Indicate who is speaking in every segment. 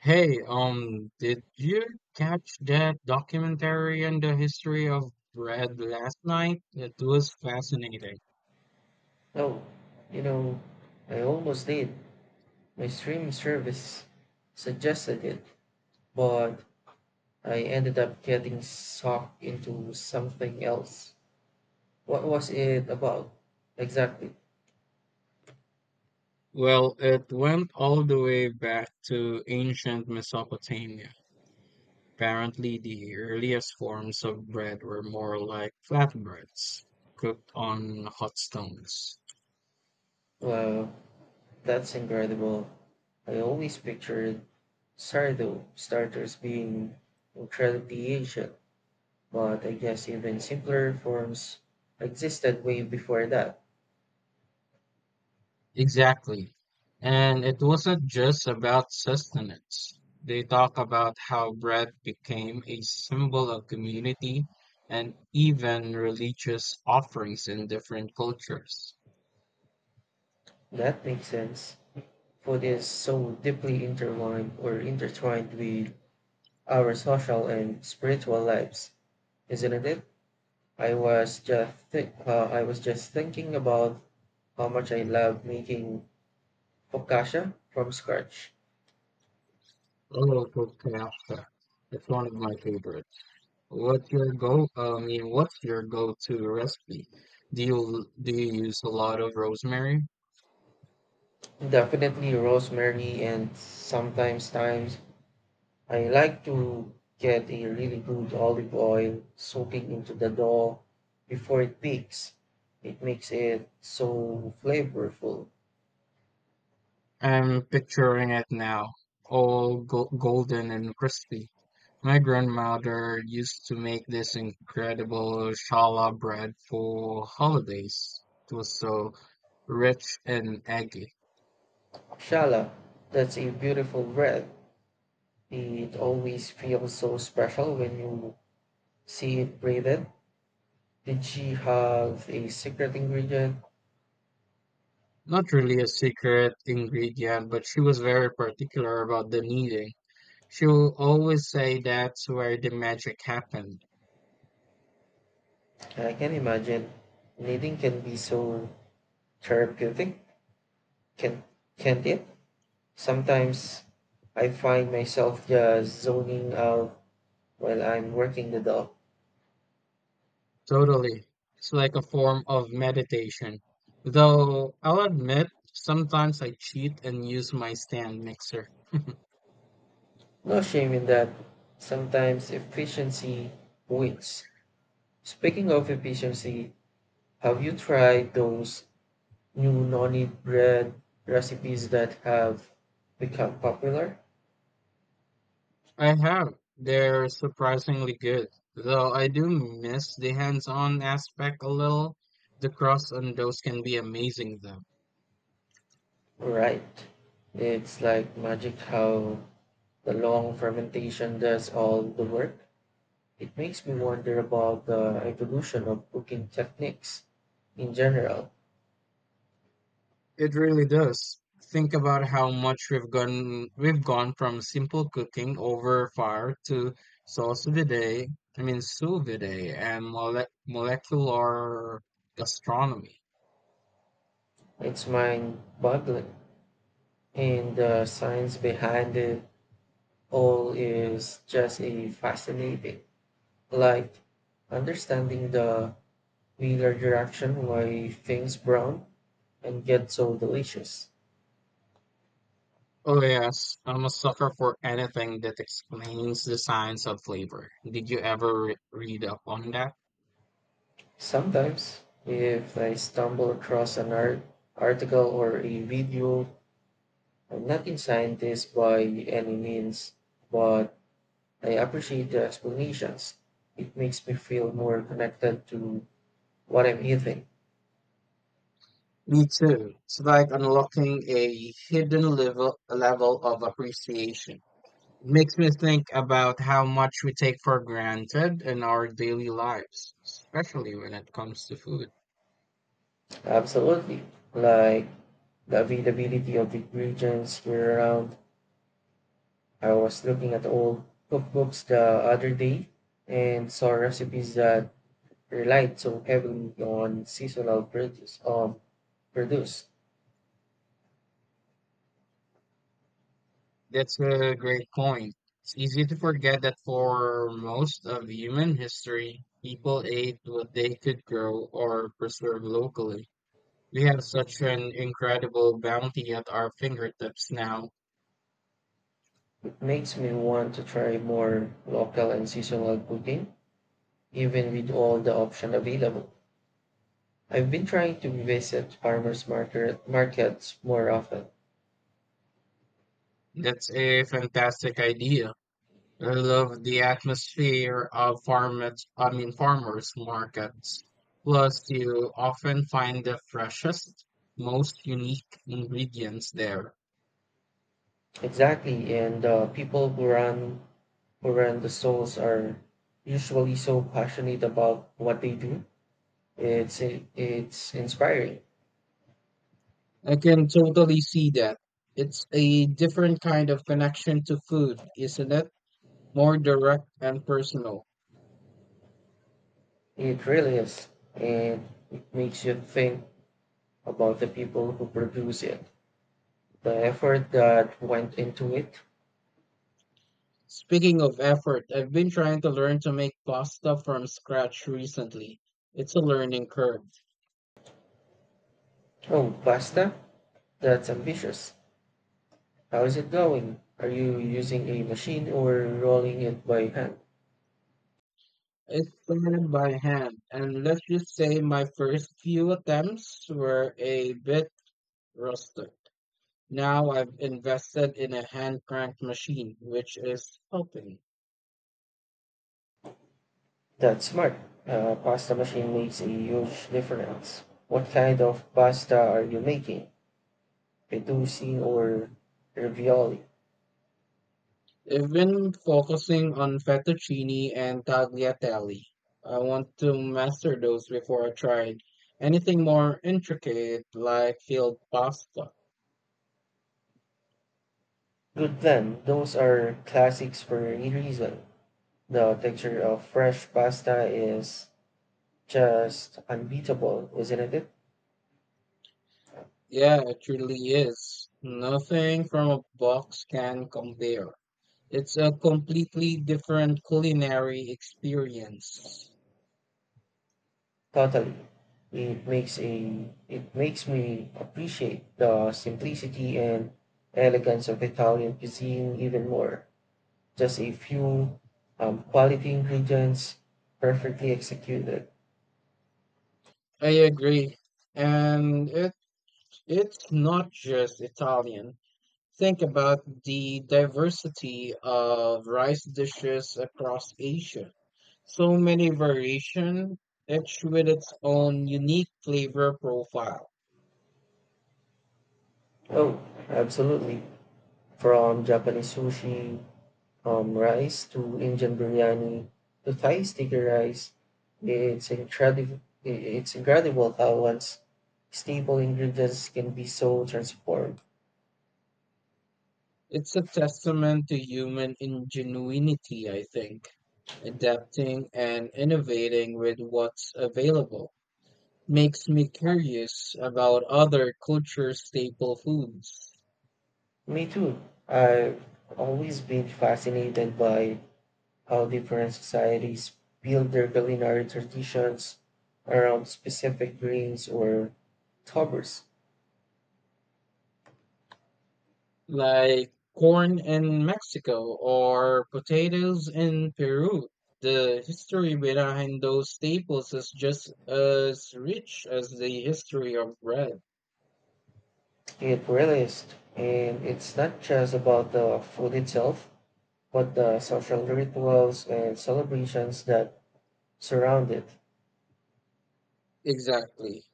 Speaker 1: Hey, did you catch that documentary on the history of bread last night? It was fascinating.
Speaker 2: Oh, you know, I almost did. My stream service suggested it, but I ended up getting sucked into something else. What was it about? Exactly.
Speaker 1: Well, it went all the way back to ancient Mesopotamia. Apparently, the earliest forms of bread were more like flatbreads, cooked on hot stones.
Speaker 2: Well, that's incredible. I always pictured sourdough starters being incredibly ancient, but I guess even simpler forms existed way before that.
Speaker 1: Exactly. And it wasn't just about sustenance. They talk about how bread became a symbol of community and even religious offerings in different cultures.
Speaker 2: That makes sense. Food is so deeply intertwined with our social and spiritual lives, isn't it? I was just thinking about how much I love making focaccia from scratch.
Speaker 1: Oh, kofta. It's one of my favorites. What's your go? I mean, What's your go-to recipe? Do you use a lot of rosemary?
Speaker 2: Definitely rosemary and sometimes times I like to get a really good olive oil soaking into the dough before it peaks. It makes it so flavorful.
Speaker 1: I'm picturing it now, all golden and crispy. My grandmother used to make this incredible shala bread for holidays. It was so rich and eggy.
Speaker 2: Shala, that's a beautiful breath. It always feels so special when you see it braided. Did she have a secret ingredient?
Speaker 1: Not really a secret ingredient, but she was very particular about the kneading. She will always say that's where the magic happened.
Speaker 2: I can imagine. Knitting can be so therapeutic, can, can't it? Sometimes I find myself just zoning out while I'm working the dog.
Speaker 1: Totally. It's like a form of meditation. Though I'll admit, sometimes I cheat and use my stand mixer.
Speaker 2: No shame in that. Sometimes efficiency wins. Speaking of efficiency, have you tried those new noni bread recipes that have become popular,
Speaker 1: I have. They're surprisingly good. Though I do miss the hands on aspect a little. The cross on those can be amazing, though.
Speaker 2: right? It's like magic how the long fermentation does all the work. It makes me wonder about the evolution of cooking techniques in general.
Speaker 1: It really does. Think about how much we've gone from simple cooking over fire to sous vide, sous vide and molecular gastronomy.
Speaker 2: It's mind boggling, and the science behind it all is just a fascinating. Like understanding the wheeler direction why things brown and get so delicious.
Speaker 1: Oh yes, I'm a sucker for anything that explains the science of flavor. Did you ever read up on that?
Speaker 2: Sometimes, if I stumble across an article or a video, I'm not a scientist by any means, but I appreciate the explanations. It makes me feel more connected to what I'm eating.
Speaker 1: Me too. It's like unlocking a hidden level of appreciation. It makes me think about how much we take for granted in our daily lives, especially when it comes to food.
Speaker 2: Absolutely. Like the availability of ingredients year round. I was looking at old cookbooks the other day and saw recipes that relied so heavily on seasonal produce.
Speaker 1: That's a great point. It's easy to forget that for most of human history, people ate what they could grow or preserve locally. We have such an incredible bounty at our fingertips now.
Speaker 2: It makes me want to try more local and seasonal cooking, even with all the options available. I've been trying to visit farmers markets more often.
Speaker 1: That's a fantastic idea. I love the atmosphere of farmers, I mean farmers markets. Plus, you often find the freshest, most unique ingredients there.
Speaker 2: Exactly, and the people who run the stalls are usually so passionate about what they do. It's inspiring.
Speaker 1: I can totally see that. It's a different kind of connection to food, isn't it? More direct and personal.
Speaker 2: It really is, and it makes you think about the people who produce it, the effort that went into it.
Speaker 1: Speaking of effort, I've been trying to learn to make pasta from scratch recently. It's a learning curve.
Speaker 2: Oh, Basta? That's ambitious. How is it going? Are you using a machine or rolling it by hand?
Speaker 1: It's planned by hand, and let's just say my first few attempts were a bit rustic. Now I've invested in a hand cranked machine, which is helping.
Speaker 2: That's smart. A pasta machine makes a huge difference. What kind of pasta are you making? Fettuccine or ravioli?
Speaker 1: I've been focusing on fettuccine and tagliatelle. I want to master those before I try anything more intricate like field pasta.
Speaker 2: Good then. Those are classics for a reason. The texture of fresh pasta is just unbeatable, isn't it?
Speaker 1: Yeah, it truly is. Nothing from a box can compare. It's a completely different culinary experience.
Speaker 2: Totally. It makes me appreciate the simplicity and elegance of Italian cuisine even more. Just a few quality ingredients perfectly executed.
Speaker 1: I agree. And it's not just Italian. Think about the diversity of rice dishes across Asia. So many variation, each with its own unique flavor profile.
Speaker 2: Oh, absolutely. From Japanese sushi rice to Indian biryani to Thai sticky rice, it's incredible. It's incredible how one's staple ingredients can be so transformed.
Speaker 1: It's a testament to human ingenuity, I think. Adapting and innovating with what's available makes me curious about other culture staple foods.
Speaker 2: Me too. I've always been fascinated by how different societies build their culinary traditions around specific grains or toppers.
Speaker 1: Like corn in Mexico or potatoes in Peru. The history behind those staples is just as rich as the history of bread.
Speaker 2: It really is. And it's not just about the food itself, but the social rituals and celebrations that surround it.
Speaker 1: Exactly.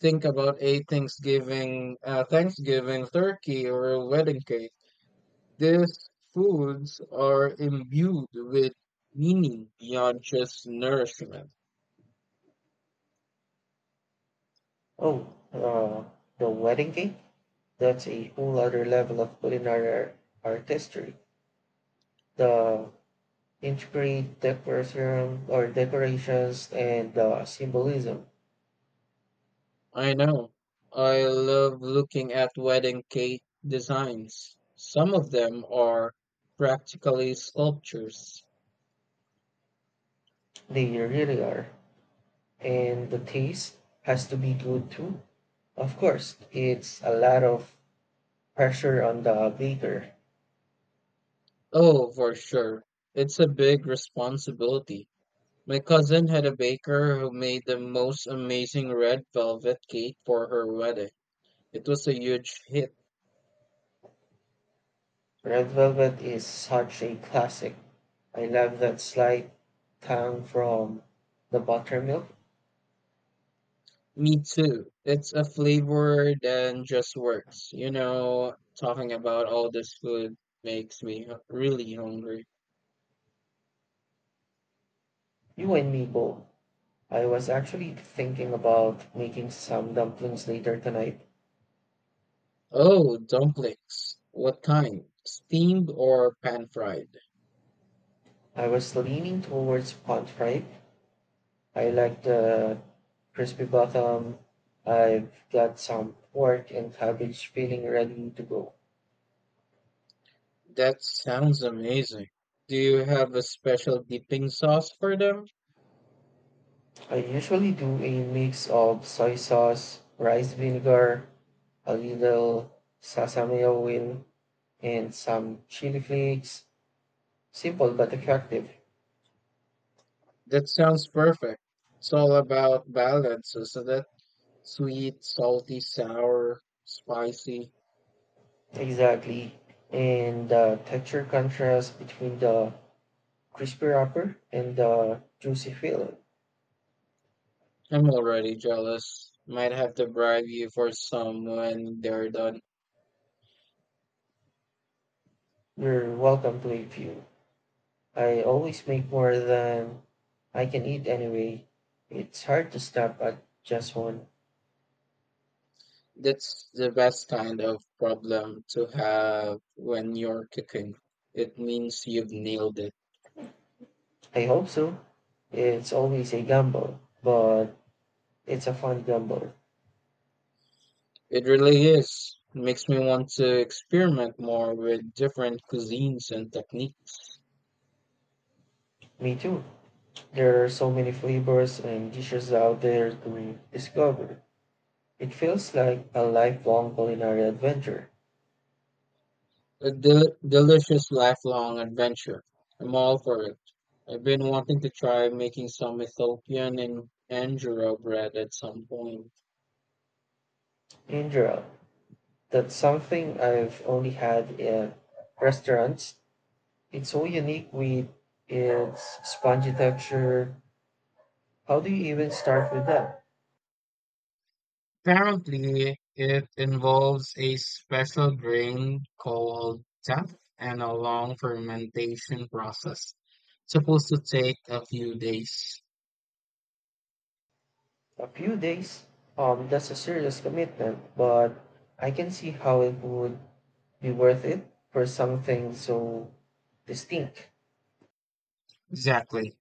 Speaker 1: Think about a Thanksgiving turkey or a wedding cake. These foods are imbued with meaning beyond just nourishment.
Speaker 2: Oh, uh, the wedding cake? That's a whole other level of culinary artistry. The integrate decorations and symbolism.
Speaker 1: I know. I love looking at wedding cake designs. Some of them are practically sculptures.
Speaker 2: They really are. And the taste has to be good too. Of course, it's a lot of pressure on the baker.
Speaker 1: Oh, for sure. It's a big responsibility. My cousin had a baker who made the most amazing red velvet cake for her wedding. It was a huge hit.
Speaker 2: Red Velvet is such a classic. I love that slight tang from the buttermilk.
Speaker 1: Me too. It's a flavor that just works. You know, talking about all this food makes me really hungry.
Speaker 2: You and me both. I was actually thinking about making some dumplings later tonight.
Speaker 1: Oh, dumplings. What kind? Steamed or pan fried?
Speaker 2: I was leaning towards pan fried, I like the crispy bottom. I've got some pork and cabbage filling ready to go.
Speaker 1: That sounds amazing. Do you have a special dipping sauce for them?
Speaker 2: I usually do a mix of soy sauce, rice vinegar, a little sesame oil, and some chili flakes. Simple but effective.
Speaker 1: That sounds perfect. It's all about balance, isn't it? Sweet, salty, sour, spicy.
Speaker 2: Exactly. And the texture contrast between the crispy wrapper and the juicy filling.
Speaker 1: I'm already jealous. Might have to bribe you for some when they're done.
Speaker 2: You're welcome to a few. I always make more than I can eat anyway. It's hard to stop at just one.
Speaker 1: That's the best kind of problem to have when you're cooking. It means you've nailed it.
Speaker 2: I hope so. It's always a gamble, but it's a fun gamble.
Speaker 1: It really is. It makes me want to experiment more with different cuisines and techniques.
Speaker 2: Me too. There are so many flavors and dishes out there to discover. It feels like a lifelong culinary adventure.
Speaker 1: A delicious lifelong adventure. I'm all for it. I've been wanting to try making some Ethiopian and Angora bread at some point.
Speaker 2: In general, that's something I've only had at restaurants. It's so unique with its spongy texture. How do you even start with that?
Speaker 1: Apparently, it involves a special grain called teff and a long fermentation process. Supposed to take a few days.
Speaker 2: A few days? That's a serious commitment, but I can see how it would be worth it for something so distinct.
Speaker 1: Exactly.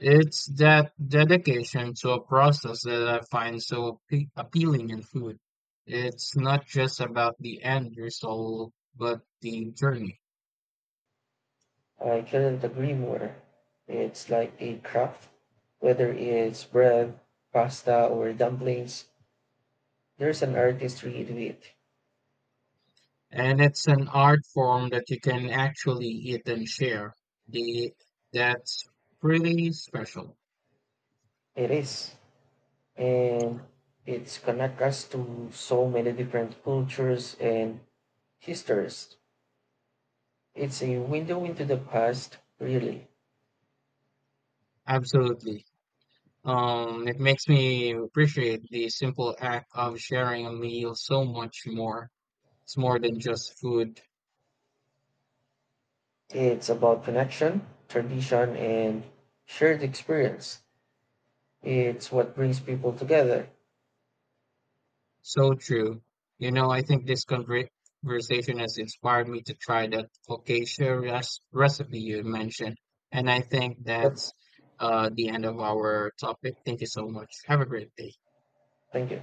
Speaker 1: It's that dedication to a process that I find so appealing in food. It's not just about the end result, but the journey.
Speaker 2: I couldn't agree more. It's like a craft, whether it's bread, pasta, or dumplings, there's an artistry to it.
Speaker 1: And it's an art form that you can actually eat and share. The that's pretty special.
Speaker 2: It is. And it's connect us to so many different cultures and histories. It's a window into the past, really.
Speaker 1: Absolutely. It makes me appreciate the simple act of sharing a meal so much more. It's more than just food.
Speaker 2: It's about connection, tradition, and shared experience. It's what brings people together.
Speaker 1: So true. You know, I think this conversation has inspired me to try that focaccia recipe you mentioned. And I think
Speaker 2: Yep.
Speaker 1: that's the end of our topic. Thank you so much. Have a great day.
Speaker 2: Thank you.